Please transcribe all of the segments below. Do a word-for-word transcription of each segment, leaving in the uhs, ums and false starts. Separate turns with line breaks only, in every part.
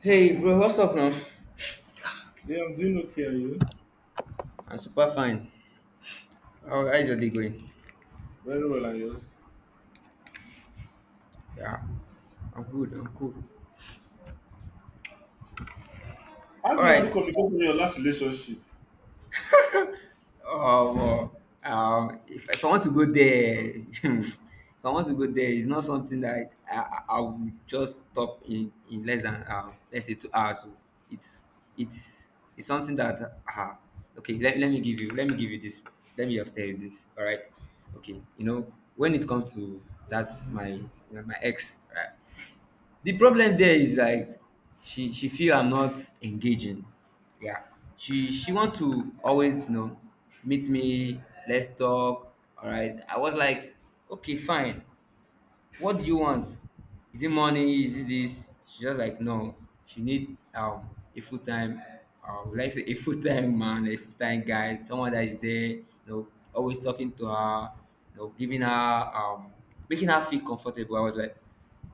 Hey bro, what's up now?
Yeah, I'm doing okay. Are you?
I'm super fine. How how is your day going?
Very well, and yours?
Yeah, I'm good. I'm cool.
How
All
do you handle
right.
communication in your last relationship?
Um, um, if, if I want to go there, if I want to go there, it's not something that I, I, I would just stop in in less than um, let's say two hours. So it's it's it's something that uh, okay. Let, let me give you. Let me give you this. Let me just tell you this. All right. Okay. You know when it comes to that's my my ex. Right? The problem there is like she she feel I'm not engaging. Yeah. She she want to always you know meet me. Let's talk. All right. I was like, okay, fine. What do you want? Is it money? Is it this? She's just like, no. She need um a full time, uh, would like say a full time man, a full time guy, someone that is there, you know, always talking to her, you know, giving her um, making her feel comfortable. I was like,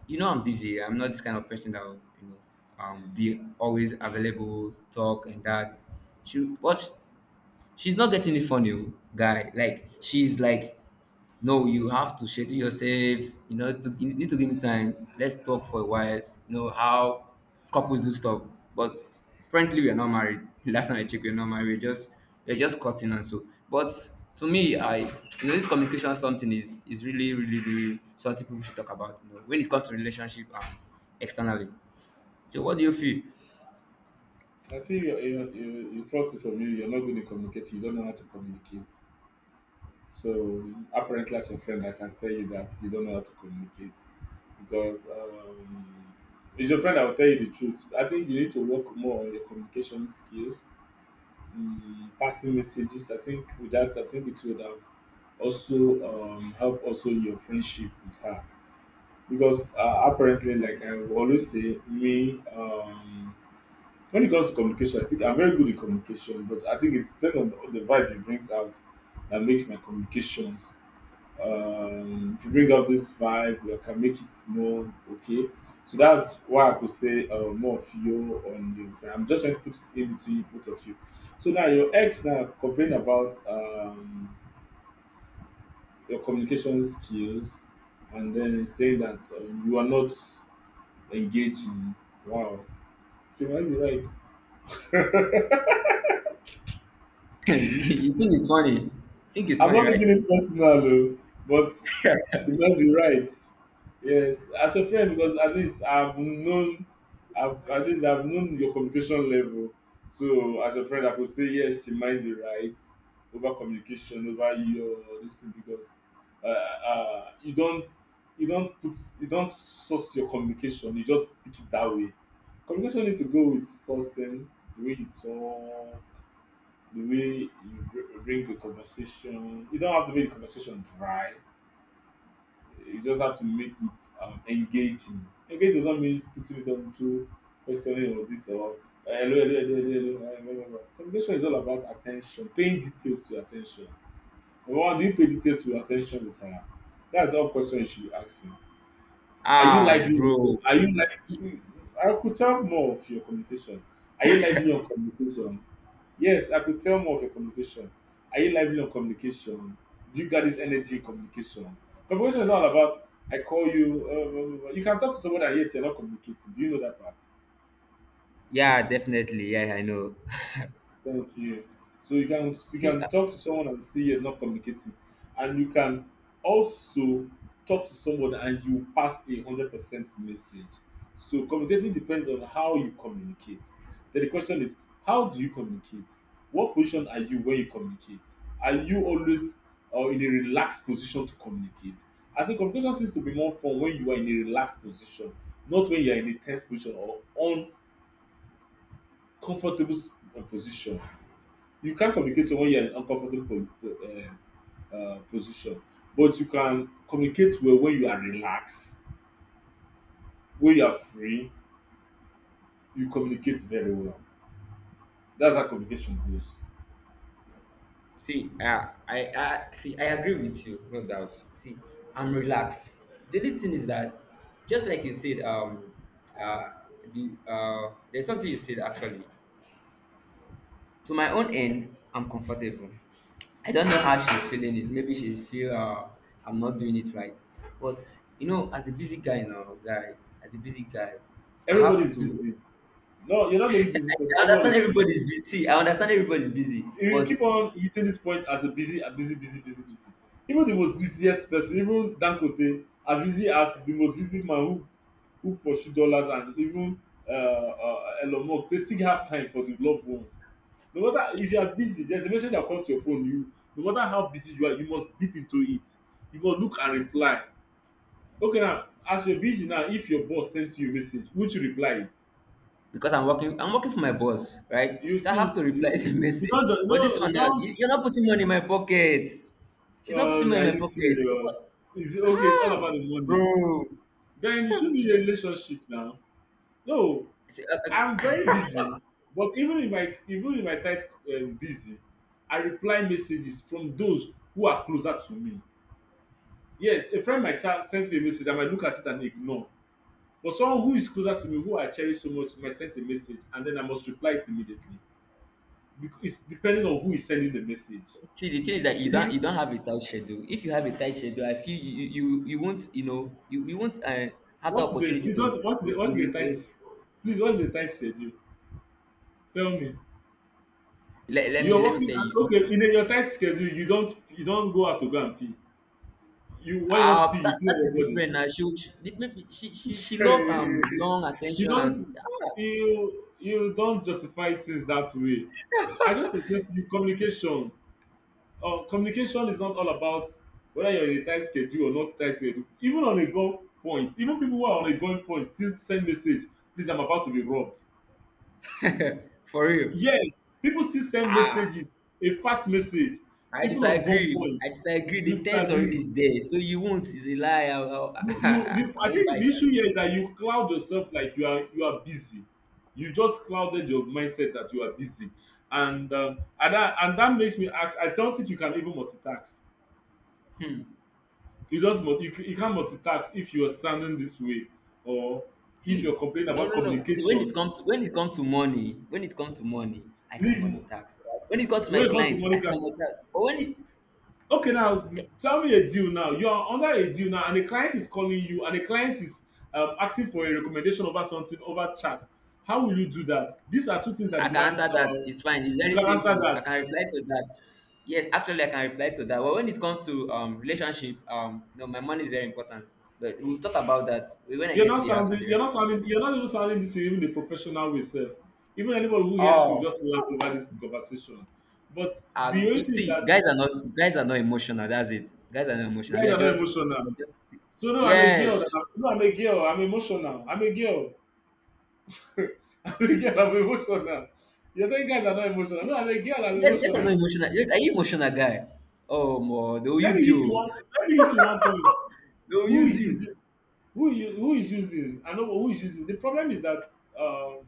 you know, I'm busy. I'm not this kind of person that will, you know, um, be always available, talk and that. She, but she's not getting it from you, guy. Like she's like no, you have to schedule yourself. You know, to, you need to give me time. Let's talk for a while. You know how couples do stuff. But apparently, we are not married. Last time I checked, we are not married. We're just we're just cutting and so. But to me, I you know this communication something is is really really really something people should talk about. You know, when it comes to relationship and externally. So, what do you feel?
I feel you you you you felt it from you. You're not good in communicating. You don't know how to communicate. So apparently, as your friend, I can tell you that you don't know how to communicate because um, it's your friend. I will tell you the truth. I think you need to work more on your communication skills, um, passing messages. I think with that, I think it would have also um, help also your friendship with her. Because uh, apparently, like I will always say me um when it comes to communication, I think I'm very good in communication, but I think it depends on the, the vibe it brings out that makes my communications. um if you bring out this vibe, we can make it more okay. So that's why I could say uh, more of you on your friend. I'm just trying to put it in between both of you. So now your ex now complain about um your communication skills, and then saying that um, you are not engage in. Wow. She might be right.
You think it's funny? Think it's
I'm
funny,
not taking
right?
it personal though, but she might be right. Yes, as a friend, because at least I've known, I've at least I've known your communication level. So as a friend, I could say yes, she might be right over communication, over your this thing because uh, uh, you don't you don't put, you don't source your communication. You just speak it that way. Communication need to go with sourcing, the way you talk, the way you br- bring the conversation. You don't have to make the conversation dry. You just have to make it um, engaging. Engage doesn't mean putting it on to questioning or this or "Eh, hello, hello, hello, hello, hello, eh, blah, blah, blah." Communication is all about attention, paying details to attention. Number one, do you pay details to attention with her? That's all question you should be asking. Are you
Ah,
lively? on-
bro.
Are you like? I could tell more of your communication. Are you lively on communication? Yes, I could tell more of your communication. Are you lively on communication? Do you got this energy in communication? Communication is all about I call you. Uh, you can talk to someone and yet you're not communicating. Do you know that part?
Yeah, definitely. Yeah, I know.
Thank you. So you can you
See.
can talk to someone and see you're not communicating, and you can also talk to someone and you pass a hundred percent message. So communicating depends on how you communicate. Then the question is, how do you communicate? What position are you when you communicate? Are you always uh, in a relaxed position to communicate? I think communication seems to be more fun when you are in a relaxed position, not when you are in a tense position or uncomfortable s- uh, position. You can't communicate when you're in an uncomfortable po- uh, uh, position, but you can communicate well when you are relaxed, when you are free. You communicate very well. That's how communication goes.
See, uh, I, I see. I agree with you, no doubt. See, I'm relaxed. The only thing is that, just like you said, um, uh, the uh, there's something you said actually. To my own end, I'm comfortable. I don't know how she's feeling it. Maybe she feel uh, I'm not doing it right. But you know, as a busy guy now, guy, as a busy guy, I
Everybody
have
is
to.
busy. No, you're not the only
I
busy person.
I
Everyone
understand
is busy.
everybody's busy. I understand everybody's busy,
You
but
keep on hitting this point as a busy, a busy busy busy busy. Even the most busiest person, even Dangote, as busy as the most busy man, who who pursue dollars, and even uh, uh, Elon Musk, they still have time for the loved ones. No matter if you are busy, there is a message that come to your phone. You, no matter how busy you are, you must deep into it. You must look and reply. Okay, now as you are busy now, if your boss send you a message, would you reply it?
because I'm working. I'm working for my boss, right?
You
So I
see
have to
it?
reply
you
the
you
message.
don just
But
no
this
you
one now,
don
you- you're not putting money in my pocket. She's not
Oh,
putting money
are
in my
you
pocket. So,
serious?
but,
Is it okay? It's all
ah,
about the money.
bro.
Then you should be in a relationship now. No,
See, uh,
I'm
uh,
very busy. But even in my even in my tight um, busy, I reply messages from those who are closer to me. Yes, a friend might cha- send me a message. I might look at it and ignore. But someone who is closer to me, who I cherish so much, might send a message, and then I must reply it immediately. Because it's depending on who is sending the message.
see, the thing is that you
You
don't
mean,
you don't have a tight schedule. If you have a tight schedule, I feel you you, you you won't you know you, you won't uh, have the
what is the
opportunity
please?
to
What, what is the
to,
what
to,
is the
re-
tight.
to
Please, what's the tight schedule? Tell me,
let, let
you're
me let me
working
tell
at,
you.
okay,
Okay.
in a, your tight schedule. You don't you don't go out to go and pee. You, when you want to
Uh,
pee, you
that,
pee
that
on
is
your
different now. She, she maybe she she
body.
she love um long
you
attention
don't
and ah,
you you don't justify things that way. I just explained to you communication. Uh, communication is not all about whether you're in a tight schedule or not tight schedule. Even on a go point, even people who are on a going point still send message. Please, I'm about to be robbed.
for real.
Yes, people still send
Ah.
messages, a fast message,
I
even on
disagree. I
gunpoint.
disagree.
You
The tense
disagree.
already is there, so you won't. It's a lie. I,
You, you,
I,
the,
I
I
won't
think
buy
the
that.
issue here is that you cloud yourself like you are you are busy. You just clouded your mindset that you are busy, and um, and that and that makes me ask. I don't think you can even multitask.
Hmm.
You don't mul- you, ca- you can't multitask if you are standing this way, or if
See,
you're complaining
no,
about
no, no. See, when it
communication.
comes to when it comes to money, when it comes to money, I can
Leave mo-
multitask. When it comes to my
when it comes to
clients,
money,
I can multitask. But when it,
okay, now
see,
tell me a deal now. You are under a deal now, and a client is calling you, and a client is um, asking for a recommendation over something over chat. How will you do that? These are two things that
I can
demand.
answer that.
Uh,
It's fine. It's
you
very
can answer
simple. I
that.
can reply to that. Yes, actually, I can reply to that. But when it comes to um relationship, um, no, my money is very important. But we'll talk about that when I
You're
get to
not
the house
sounding.
and the
You're
rest.
not sounding. You're not even sounding this in even the professional way, self. Even anybody who hears this will
Oh,
just laugh over this conversation. But the
uh,
only
you
thing is
see,
that
guys are not guys are not emotional. That's it. Guys are not emotional. We
guys
are
are not
just,
emotional.
we are just
So no, I'm a girl.
yes,
No, I'm a girl. I'm emotional. I'm a girl. I'm a girl, I'm emotional. You're telling guys are not emotional. No, I'm a girl, I'm
yes. Guys are not
emotional.
emotional. Look, are you emotional guy? Oh, more they'll
Let me
use
hit you one
you.
let me hit you one point.
They'll
Who
use
is
you.
using who you who is using? I know who is using. The problem is that um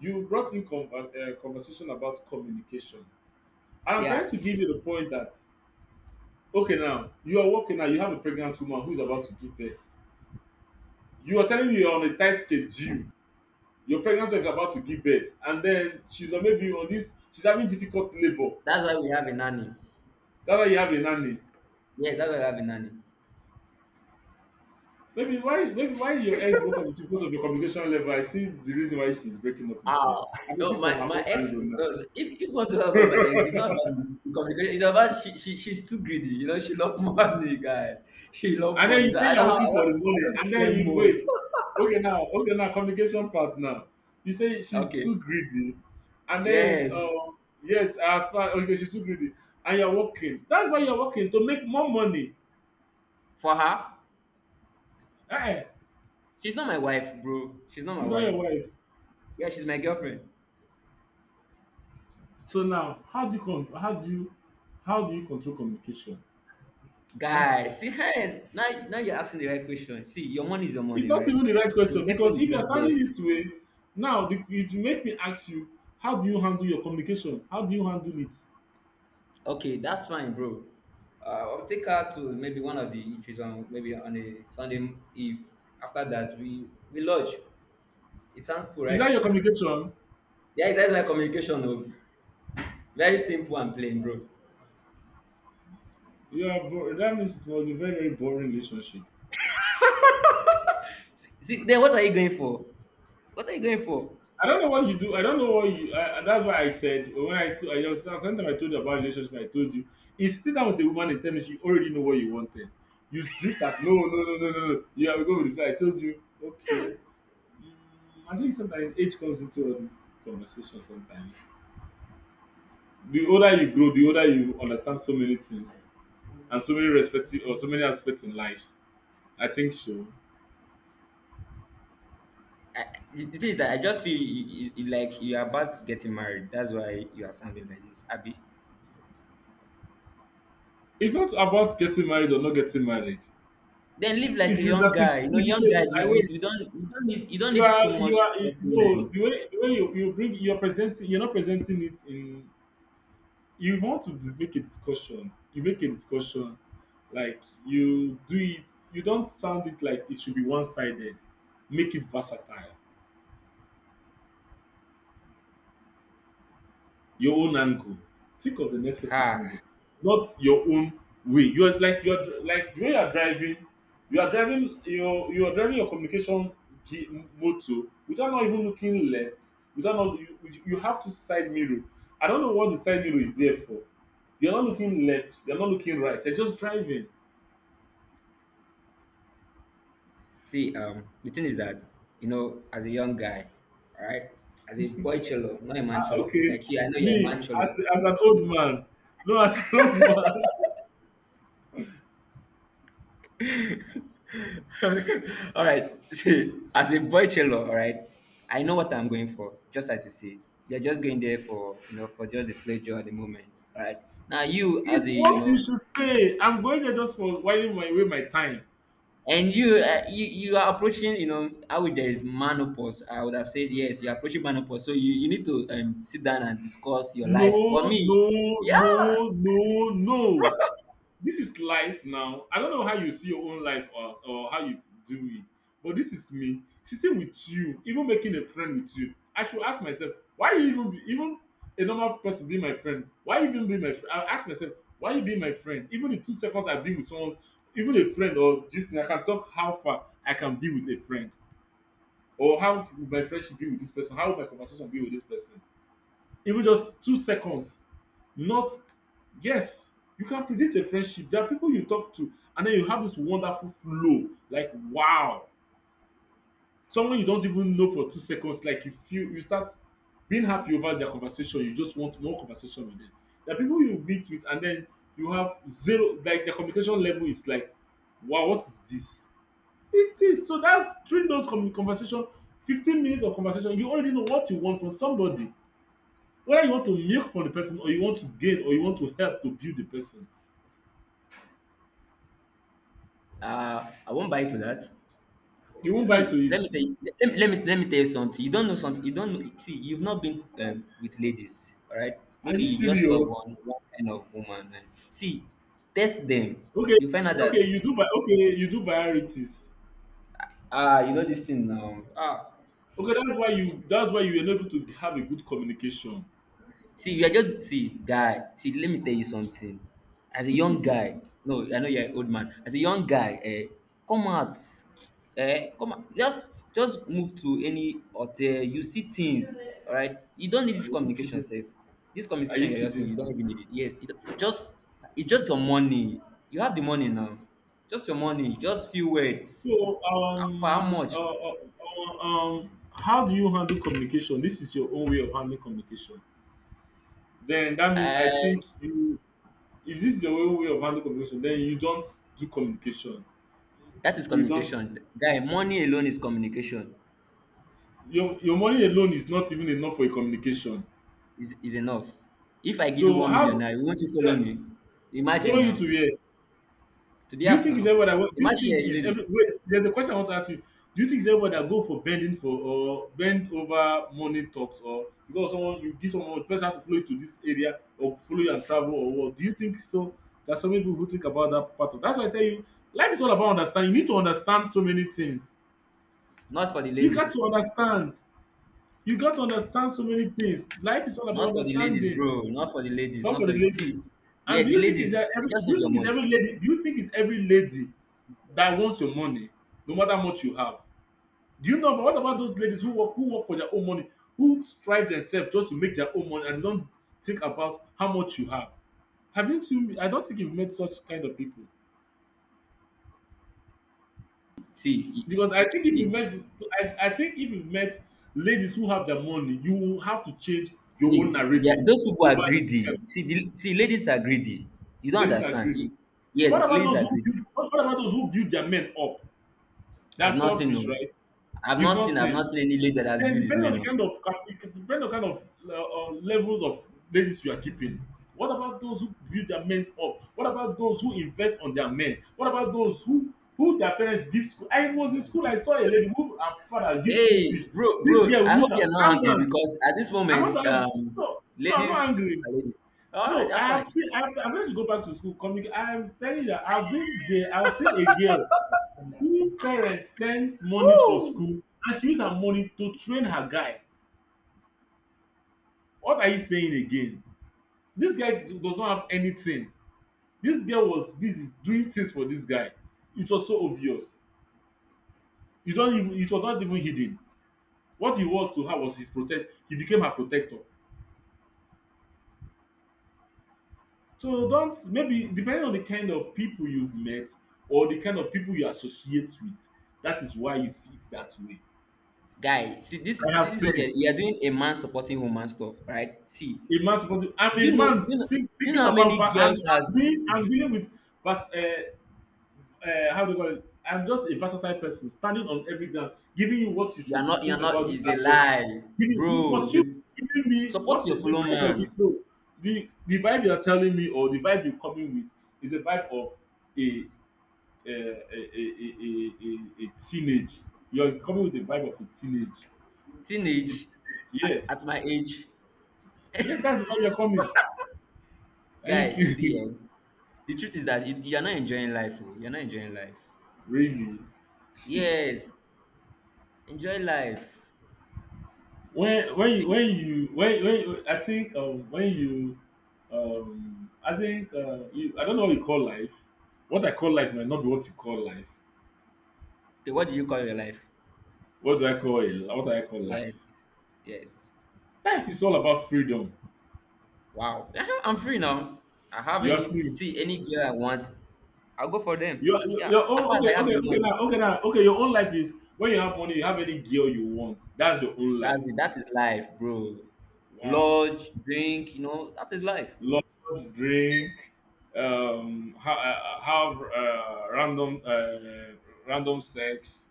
you brought in con- uh, conversation about communication. And I'm trying
Yeah,
to give you the point that okay, now, you are working now, you have a pregnant woman who is about to give birth. You are telling me you're on a tight schedule. Your pregnant wife is about to give birth, and then she's on maybe on this, she's having difficult labor.
that's why we have a nanny.
That's why you have a nanny.
Yeah, that's why we have a nanny.
Maybe why, maybe why your ex broke up with you, because of your communication level. I see the reason why she's breaking up with
Ah,
you. I can see
no,
from
my
her
my
own
ex.
angle
No,
now.
If if you want to talk about my ex, it's not about the communication. It's about she, she she's too greedy. You know, she love money, guy. She love
And then
money.
you
So
say
I
you're
don't have I
working
don't,
for the
I
money,
don't
and then
spend
you
more.
wait. Okay, now, okay, now, communication part now. You say she's
Okay.
too greedy, and then
Yes.
um yes, as far okay, she's too greedy, and you're working. That's why you're working to make more money.
For her,
Eh,
she's not my wife, bro. She's not my
she's not your
wife.
wife.
Yeah, she's my girlfriend.
So now, how do you con- how do you, how do you control communication? That's the
Guy, see
question.
hey, Now, now you're asking the right question. See, your money is your
It's
money,
not
right?
even the right
Your
question because
girlfriend
if
is
you're
just there.
sounding this way, now the, it will make me ask you, how do you handle your communication? How do you handle it?
Okay, that's fine, bro. Uh, I'll take her to maybe one of the eateries on maybe on a Sunday Eve. After that, we we lodge. It sounds cool,
Is that
right?
your communication?
Yeah, that's my communication. Oh. Very simple and plain, bro.
Yeah, bo- that means it was a very very boring relationship.
See, then what are you going for? What are you going for?
I don't know what you do. I don't know what you. I, I- that's why I said when I, t- I was- sometimes I told you about relationship. I told you it's still down with a woman in terms you already know what you wanted. You drift at no, no, no, no, no, no. Yeah, we go with the flow. I told you okay. Mm, I think sometimes age comes into all this conversation sometimes. The older you grow, the older you understand so many things and so many respective or so many aspects in lives. I think so.
I, the thing is that I just feel you, you, you- like you are about getting married. That's why you are sounding like this, Abby.
It's not about getting married or not getting married.
Then live like
It
a
is
young
that it,
guy. You know,
it is.
young
A,
guys,
I
we, we,
wait.
we don't we don't need you don't
You
need so
are
much
you are you
talking
no
and
the way, the way you, you bring, you're presenting, you're not presenting it in, you want to dis- make a discussion. You make a discussion like you do it. You don't sound it like it should be one sided. Make it versatile. Your own angle. Think of the next person's
ah.
angle, not your own way. You're like, you're like the way you're driving. You are driving your you are driving your communication ge- motor without not even looking left. Without not you, you you have to side mirror. I don't know what the side mirror is there for. You're not looking left. You're not looking right. You're just driving.
See, um, the thing is that you know, as a young guy, all right, as a boy cholo, not a man
Ah,
cholo.
Okay,
Like you, I know you're a
me
man
as
cholo.
as an old
So
man, no, as an old man.
all right. See, as a boy tailor, all right, I know what I'm going for. Just as you say, you're just going there for you know for just the pleasure at the moment. All right. Now you as
It's
a you
what you
know,
should say. I'm going there just for whiling my way my time.
and you uh, you you are approaching you know I would there is menopause. I would have said yes. You're approaching menopause, so you you need to um, sit down and discuss your life. But
No,
me,
no,
yeah,
no, no, no. This is life now. I don't know how you see your own life, or, or how you do it, but this is me sitting with you, even making a friend with you. I should ask myself, why you even be, even a normal person being my friend? Why you even be my friend? I ask myself, why you being my friend? Even the two seconds I've been with someone, even a friend or just I can talk how far I can be with a friend, or how would my friendship be with this person, how would my conversation be with this person, even just two seconds. Not yes, you can predict a friendship. There are people you talk to and then you have this wonderful flow, like wow, someone you don't even know for two seconds, like you feel, you start being happy over their conversation, you just want more conversation with them. There are people you meet with and then you have zero, like their communication level is like, wow, what is this? It is so, that's during those commu- conversation, fifteen minutes of conversation, you already know what you want from somebody, whether you want to milk from the person, or you want to gain, or you want to help to build the person.
uh, I won't buy to that.
You won't buy to
See,
it.
let me tell you, let, let me let me tell you something. You don't know something. You don't know. See, you've not been um, with ladies, all right?
Are
Maybe
you
you just love
serious?
one one kind of woman. And see, test them.
Okay,
You find out that
okay, you do vi- okay, you do varieties.
ah, you know this thing now. Ah,
Okay, that's why you
see,
that's why you are not able to have a good communication.
see, you are just see, guy. See, let me tell you something. As a young guy, no, I know you're an old man. As a young guy, eh, come out, eh, come out. Just, just move to any hotel. You see things, all right. You don't need
Are
this
you
communication,
kidding?
safe. This
Are
communication
you
you're just saying,
kidding?
you don't even need it. Yes, it, just it's just your money. You have the money now. Just your money. Just few words.
So
For how
um
much?
uh, uh, uh, um how do you handle communication? This is your own way of handling communication. Then that means
Uh,
I think you, if this is your own way of handling communication, then you don't do communication.
that is
You don't.
communication, guy. Money alone is communication.
Your your money alone is not even enough for a communication.
is is enough. If I give you
So
one million
how,
now, you want to
eh,
follow me?
follow
Imagine
you to
now.
where?
To the
Do you
house
think is
now.
everybody that want, do you
Imagine
think
you're a
is
lady.
every, wait, there's a question I want to ask you. Do you think is everybody that
Okay.
go for bending for, or bend over, money talks, or because someone, you give someone, the person have to follow you to this area, or follow you and travel, or what? Do you think so? There's some people who think about that part of, that's why I tell you, life is all about understanding. You need to understand so many things.
Not for the
You got
ladies.
to understand. You got to understand so many things. Life is all about
Not for the ladies,
understanding.
bro. Not for the ladies.
Not
Not
for the
for the
ladies.
see. Yeah,
And do
the
you think it's
ladies,
that
they
every, do
just need
you
your
think it's
money.
every lady, do you think it's every lady that wants your money, no matter how much you have? Do you know, but what about those ladies who work, who work for their own money, who strive themselves just to make their own money, and don't think about how much you have? Haven't you I don't think you've met such kind of people.
See,
Because I think if you
see,
met, I, I think if you met ladies who have their money, you will have to change your own
see, they are,
narrative
those people are
over this
greedy.
kind of
See,
thing.
the, see, ladies are greedy. You don't
Ladies are
understand.
greedy.
Ye-
So
yes,
what about
ladies
those
are
who
greedy.
build, what what about those who build their men up? They're
I've not seen
selfish,
no.
right?
I've
You've
not
not
seen. I've
seen.
not seen any lady that has
Then
viewed this
depending on the
man.
kind of cap- it could depend on kind of uh, uh, levels of ladies you are keeping. What about those who build their men up? What about those who invest on their men? What about those who who their parents give school? I was in school, I saw a lady who her father give school
Hey,
fees.
bro,
This
bro,
girl
I
will use
hope
her,
you're not
calm
angry
down.
because at this
I'm
moment,
not angry.
um,
No, no, I'm
ladies
not angry.
are ladies. All right,
No,
that's
I have
fine.
seen. I've, I've had to go back to school. Coming, I'm telling you that I've been there. I've seen a girl who parents sent money for
Woo!
school, and she used her money to train her guy. What are you saying again? This guy do- does not have anything. This girl was busy doing things for this guy. It was so obvious. You don't even. It was not even hidden. What he was to her was his protect. He became her protector. So don't, maybe depending on the kind of people you've met, or the kind of people you associate with, that is why you see it that way.
Guy, see, this,
I have
this is what
seen.
you're, you're doing a man supporting woman stuff, right? See,
A man supposed to, I'm
you
a
know,
man
you know,
think,
you know
thinking
how
about
many
va- I'm,
girls has
I'm dealing, I'm dealing with vas- uh, uh, how do you call it? I'm just a versatile person standing on every ground, giving you what you
you're
should
not,
think
you're
about
not,
this
is a
aspect.
lie,
Giving you
bro.
what
Is a
you giving me,
support
what the,
your
the
fellow
vibe you're giving,
man.
no, the, the vibe you're telling me, or the vibe you're coming with, is a vibe of a, a, a, a, a, a teenage. You're coming with the vibe of a teenage. It,
Teenage, a- at
yes,
my age,
yes, that's the vibe you're coming, and
guy,
you
see,
kill.
eh, the truth is that you, you're not enjoying life, oh, you're not enjoying life.
Really.
Yes, enjoy life.
When when you
See,
when you when when I think um, when you um I think uh, you, I don't know what you call life. What I call life might not be what you call life.
okay, what do you call your life?
What do I call it? What do I call life?
Yes, yes.
Life is all about freedom.
Wow, I'm free now. I have
You are
any
free.
see any girl I want, I'll go for them.
Your, your
Yeah,
your own,
as far as
okay
I have
okay
the
okay
money,
now okay now okay your own life is when you have money, you have any girl you want, that's your own life.
that's it. That is life, bro.
Wow.
Lodge, drink, you know, that is life.
Love, drink, um have, uh, have uh, random uh, random sex,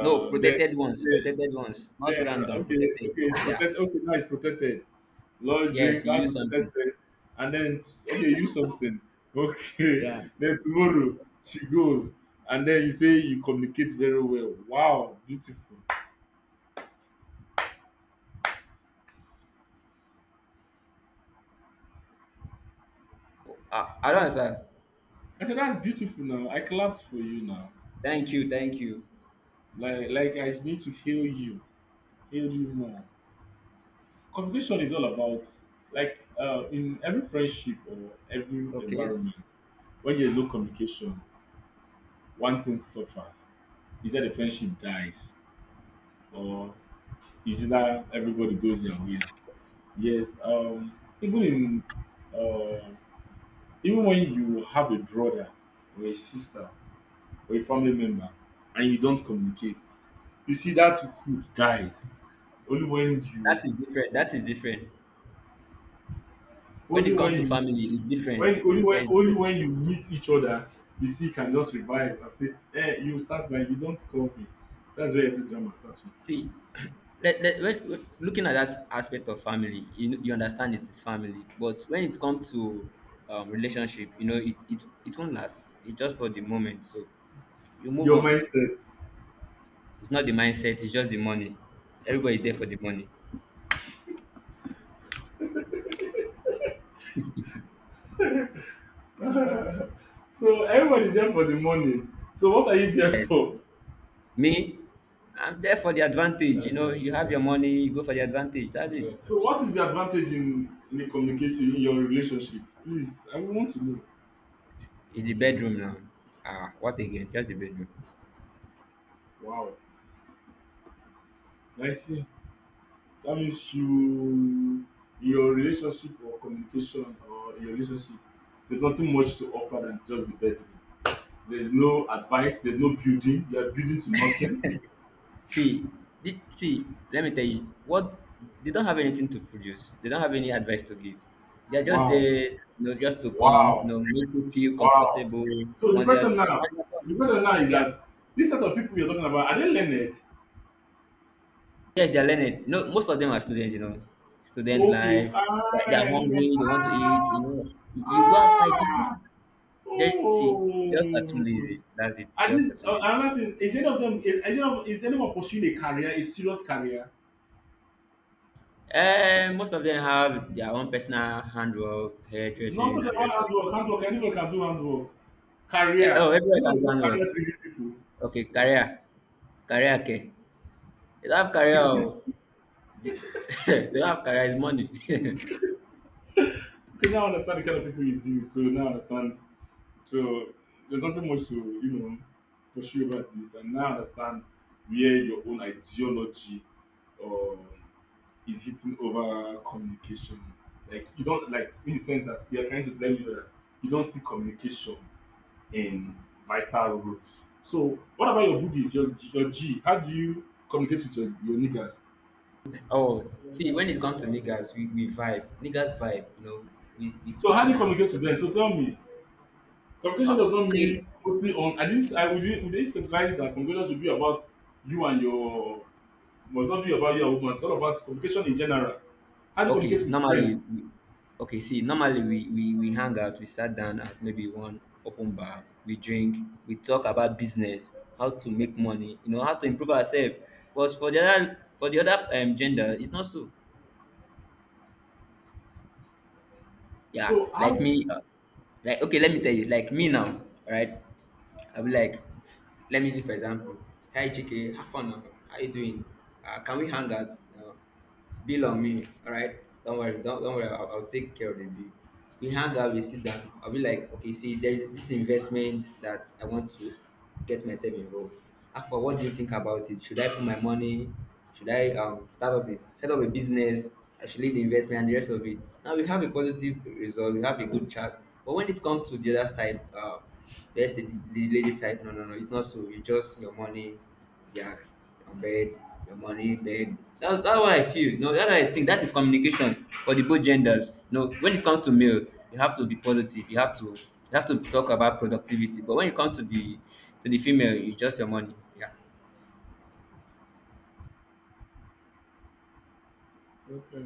No,
then
protected ones, protected ones, not
Then
random,
okay,
protected.
okay,
Yeah,
protect. Okay, now it's protected. Large drink,
yes, you
I
use
protected
something.
space, and then okay, use something. Okay,
Yeah,
then tomorrow she goes, and then you say you communicate very well. Wow, beautiful.
I, I don't
That's,
understand.
I said that's beautiful. Now I clapped for you. Now,
Thank you, thank you.
like like I need to heal you, heal you more. Communication is all about, like uh, in every friendship or every
Okay,
environment, when there's no communication, one thing suffers. Is that the friendship dies, or is it that everybody goes their way? Yes, um, even in uh, even when you have a brother, or a sister, or a family member, and you don't communicate, you see that hood dies. Only when
that
you
is different. That is different. When
only
it
when
comes to
you
family, it's different.
when only when
There's
only when you meet each other, you see, can just revive and say, eh, you start by, you don't call me, that's where every drama starts with.
see, let, let, when, when- looking at that aspect of family, you, know- you understand it is family. But when it comes to um, relationship, you know, it, it, it won't last. It's just for the moment. So you move
Your
on.
mindset.
It's not the mindset, it's just the money. Everybody's there for the money.
So everyone is there for the money. So what are you there for?
Me, I'm there for the advantage. You know, you have your money, you go for the advantage. That's it.
So what is the advantage in in the communication in your relationship? Please, I want to know.
It's the bedroom now. Ah, what again? Just the bedroom.
Wow, I see. That means you, your relationship or communication, or your relationship, there's nothing much to offer than just the bedroom. There's no advice. There's no building. You are building to nothing.
See, did, see, let me tell you, what they don't have anything to produce. They don't have any advice to give. They're just
Wow,
there, you know, just to come, you
wow,
know, make you feel
wow.
comfortable.
So the
Once you're,
question now,
once
the
you're done,
question now is
yeah,
that, this set of people you're talking about, are they learned?
yes, they're learning. No, most of them are students, you know, student
Okay.
life. They're, they're
Ah, no won,
hungry. They want to eat.
ah!
You know, you go outside. Just
Ah!
then see,
Oh!
girls are too lazy. That's it.
And
Girls
this,
are too
uh,
lazy.
another thing, is any of them, is, is, any of, is anyone pursuing a career, a serious career?
Uh, most of them have their own personal handwork,
None
hairdressing,
of them
and the
want
rest of
handwork,
it.
handwork, anyone can do handwork.
Eh,
Career.
oh,
You
everywhere
know,
can
they call
plan work.
career driven people.
Okay, career. Career care. They don't have career. Oh. The- they don't have career, it's money.
Because now I understand the kind of people you do, so now I understand. So there's nothing much to, you know, pursue about this. And now I understand where your own ideology um, is hitting over communication. Like you don't, like, in the sense that we are trying to tell you that you don't see communication in vital roles. So what about your buddies, your your G? How do you communicate with your, your niggas?
Oh, see, when it comes to niggas, we, we vibe. Niggas vibe, you know. We, we
So how do
sit
you
down, we
communicate to
talk about
them? So tell
it.
me. Communication does
Oh,
not
okay.
mean mostly on, I didn't, I would Would they not centralize that communication should be about you and your, it must not be about you and woman. It's all about communication in general. How do you
Okay,
communicate with
normally,
friends?
we, okay, see, normally we, we, we hang out, we sat down at maybe one open bar, we drink, we talk about business, how to make money, you know, how to improve ourselves. But for the other, for the other um, gender, it's not so. Yeah,
So
like
how?
me, uh, like okay, let me tell you, like me now, right? I'll be like, let me see for example, hi Chike, have fun now. How you doing? Uh, can we hang out now? Bill on me. All right, don't worry, don't, don't worry. I'll, I'll take care of the bill. We hang out, we sit down. I'll be like, okay, see, there's this investment that I want to get myself involved. After what do you think about it? Should I put my money? Should I um start up a, set up a business? I should leave the investment and the rest of it. Now we have a positive result. We have a good chat. But when it comes to the other side, uh, there's the, the lady side. No, no, no. It's not so. You just your money. Yeah, bed, your money, bed. That's that's what I feel. No, that's what I think. That is communication for the both genders. No, when it comes to male, you have to be positive. You have to you have to talk about productivity. But when it comes to the to the female, you just your money. Yeah.
Okay,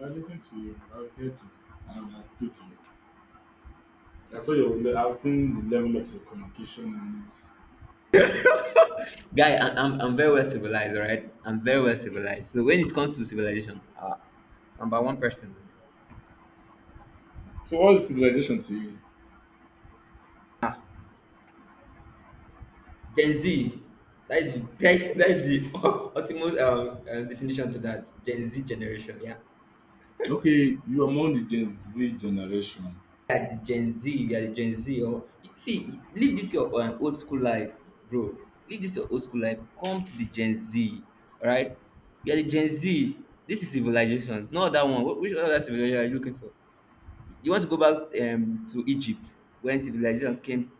I listened to you. I've heard you. I understood you. That's why you're, I've seen the level of your communication. And it's-
Guy, I, I'm I'm very well civilized, all right? I'm very well civilized. So when it comes to civilization, uh, number one person.
so what is civilization to you?
Gen Z. That's the, that's the ultimate um, uh, definition to that Gen Z generation. Yeah.
Okay, you're among the Gen Z generation.
Are the Gen Z, we are the Gen Z. Or see, leave this your um, old school life, bro. Leave this your old school life. Come to the Gen Z, all right? We are the Gen Z. This is civilization, not that one. Wh- Which other civilization are you looking for? You want to go back um, to Egypt when civilization came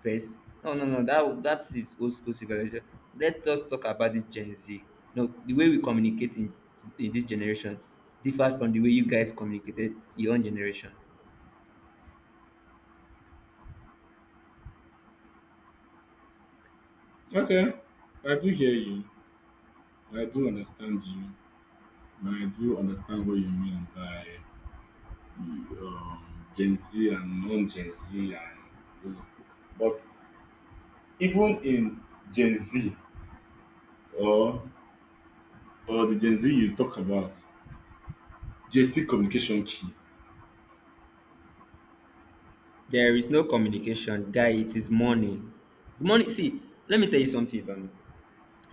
first? No, no, no. That that is old school civilization. Let us talk about this Gen Z. No, the way we communicate in, in this generation differs from the way you guys communicated in your own generation.
Okay, I do hear you. I do understand you. And I do understand what you mean by um, Gen Z and non-Gen Z, and but, even in Gen Z, or or the Gen Z you talk about, Gen Z communication key.
There is no communication, guy. It is money. The money. See, let me tell you something, Ivan.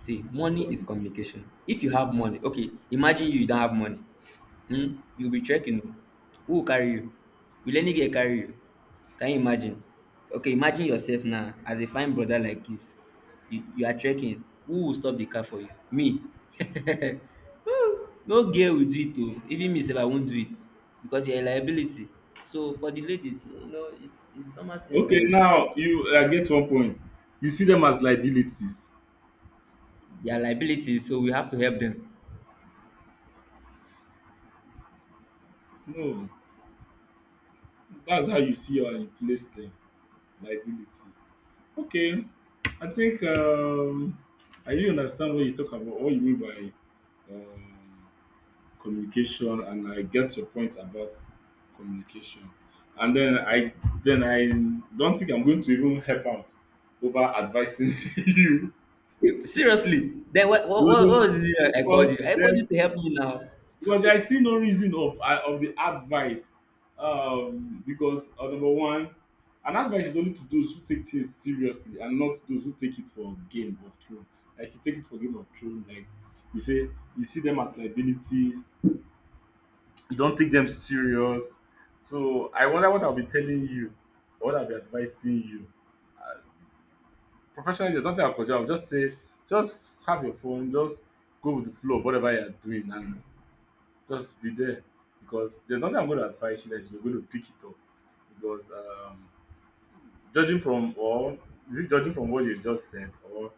See, money is communication. If you have money, okay, imagine you don't have money. Hmm, you be trekking. Who go carry you? Will any girl carry you? Can you imagine? Okay, imagine yourself now as a fine brother like this. You, you are trekking. Who will stop the car for you? Me. Woo! No girl will do it oo. Even me sef I won't do it because you are a liability. So for the ladies, you know, it's it's normal thing for
Okay,
them.
now you, I get one point. You see them as liabilities.
They are liabilities, so we have to help them.
No, that's how you see and replace them. Liabilities. Okay, I think um, I really understand what you talk about, what you mean by um, communication, and I get your point about communication. And then I then I don't think I'm going to even help out over advising you.
Seriously. Then what
Because
what what
there's-
what was
no,
it I called
because
you? I called you
there's
to help me now.
Because I see no reason of I- of the advice. Um because uh, Number one, an advice is only to those who take things seriously and not those who take it for game of throne. Like you take it for game of throne, like you say you see them as liabilities, you don't take them serious. So I wonder what I'll be telling you, or what I'll be advising you. Professionally, there's nothing I could do. I'll just say, just have your phone, just go with the flow of whatever you're doing, and just be there. Because there's nothing I'm going to advise you that you're going to pick it up. Because um, Judging from, or is it judging from what you just said, or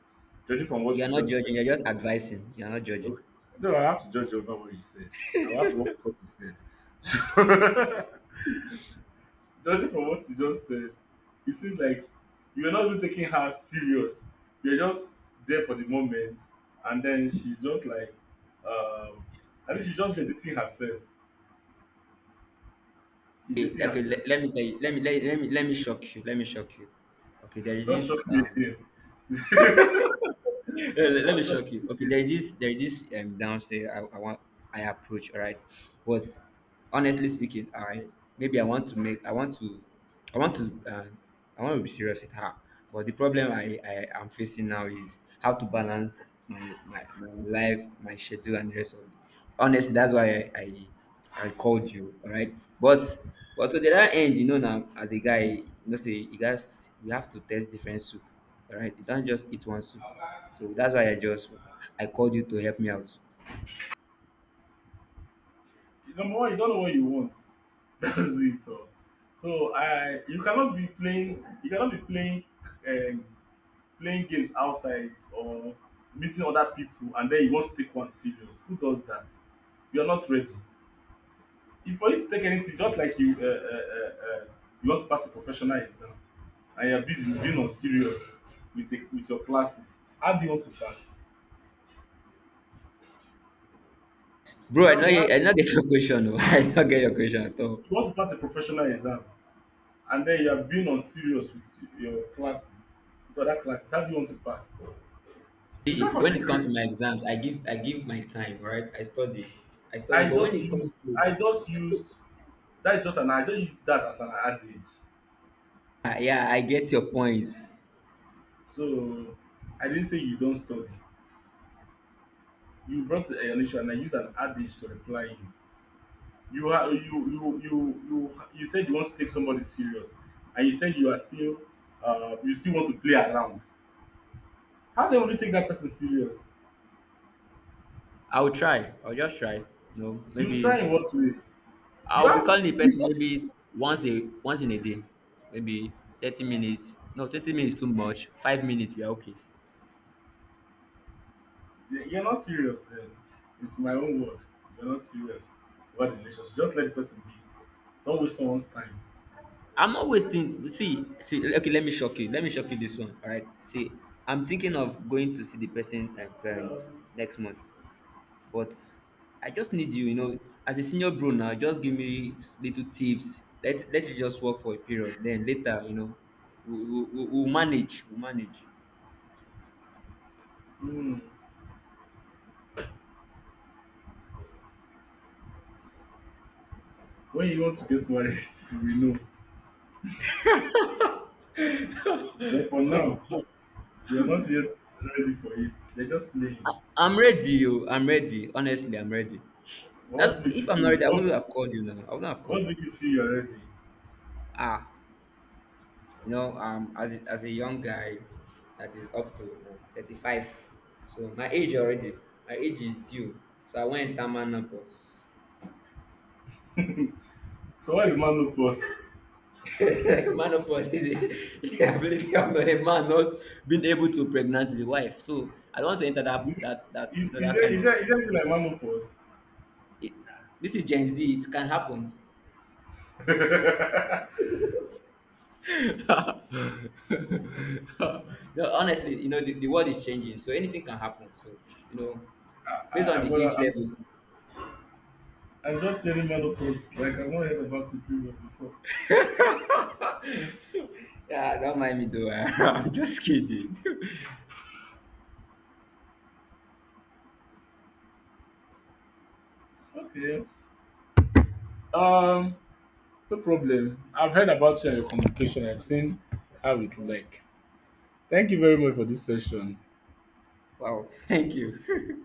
judging from what
You are
you
not
just said?
judging. You're just advising. You are not judging.
Okay. No, I have to judge over what you said. I will have to watch what you said. Judging from what you just said, it seems like you're not even taking her serious. You're just there for the moment, and then she's just like, um, I think she's just dating herself. She's
Okay,
dating
okay.
herself.
Let, let me tell you. Let me let, let me let me shock you. Let me shock you. Okay, there is
Don't
this.
shock me
Um,
again.
let, let me
don't shock
shock you.
me
Okay,
again.
there is this. There is this. Um, downstairs. I, I want. I approach. All right, but honestly speaking, I maybe I want to make. I want to. I want to. Uh, I want to be serious with her. But the problem I I am facing now is how to balance my my, my life, my schedule, and the rest of it. Honestly, that's why I. I I called you, all right? But but to the other end, you know now, as a guy, you know say you guys you have to test different soup, all right? You don't just eat one soup. So that's why I just I called you to help me out.
Number one, you don't know what you want. That's it. Oh. So I, you cannot be playing. You cannot be playing um, playing games outside or meeting other people and then you want to take one serious. Who does that? You're not ready. If for you to take anything, just like you uh, uh, uh, uh, you want to pass a professional exam and you're busy being on serious with a, with your classes, how do you want to pass?
Bro, I
Tell
know
me, how,
I not get your question, no. I not get your question at all.
you want to pass a professional exam and then you are being on serious with your classes, with other classes. How do you want to pass? Without
See, when it comes
concentrating,
to my exams, I give I give my time, all right? I study. I study,
I
but when
just
it
used,
comes to
I just used, that's just an, I just used that as an adage.
ah, yeah, I get your point.
So I didn't say you don't study. You brought an issue and I used an adage to reply you. You are you you you you you said you want to take somebody serious, and you said you are still uh you still want to play around. How then will you take that person serious?
I'll try. I'll just try. No,
You try
maybe
in what way? You
I'll be
have
calling the
you-
person maybe once a once in a day, maybe thirty minutes. No, thirty minutes is too much. Five minutes, we are okay.
you're not serious then. It's my own word. You're not serious about the relationship. Just let the person be. Don't waste someone's time.
I'm not wasting. See, see. Okay, let me shock you. Let me shock you this one. All right. See, I'm thinking of going to see the person and parents next month, but I just need you. You know, as a senior bro now, just give me little tips. Let let it just work for a period. Then later, you know, we we we we'll manage. We'll manage.
Hmm. When you want to get married, we know. But for now, you're not yet ready for it. They're just playing.
I, I'm ready. You. I'm ready. Honestly, I'm ready.
What
That
makes
if
you
I'm married,
feel?
I
What,
wouldn't have called you now. I wouldn't have called
what
you.
makes you feel you're ready?
Ah, you know, um, as a, as a young guy that is up to uh, thirty-five, so my age already, my age is due. So I went into menopause.
So what is menopause?
Menopause is the the ability of a man not being able to pregnant the wife. So I don't want to enter
Do
that
you-
that that
Is,
you know
is
that
there
kind
is
of.
there is there anything like menopause?
It, this is Gen Z. It can happen. No, honestly, you know, the, the world is changing, so anything can happen. So, you know,
I,
based
I,
on
I'm
the age
I'm
levels.
I'm just saying menopause. Like I've not heard about it period before.
Yeah, don't mind me though. I'm just kidding.
Okay. Um, no problem. I've heard about your communication. I've seen how it like. Thank you very much for this session.
Wow, thank you.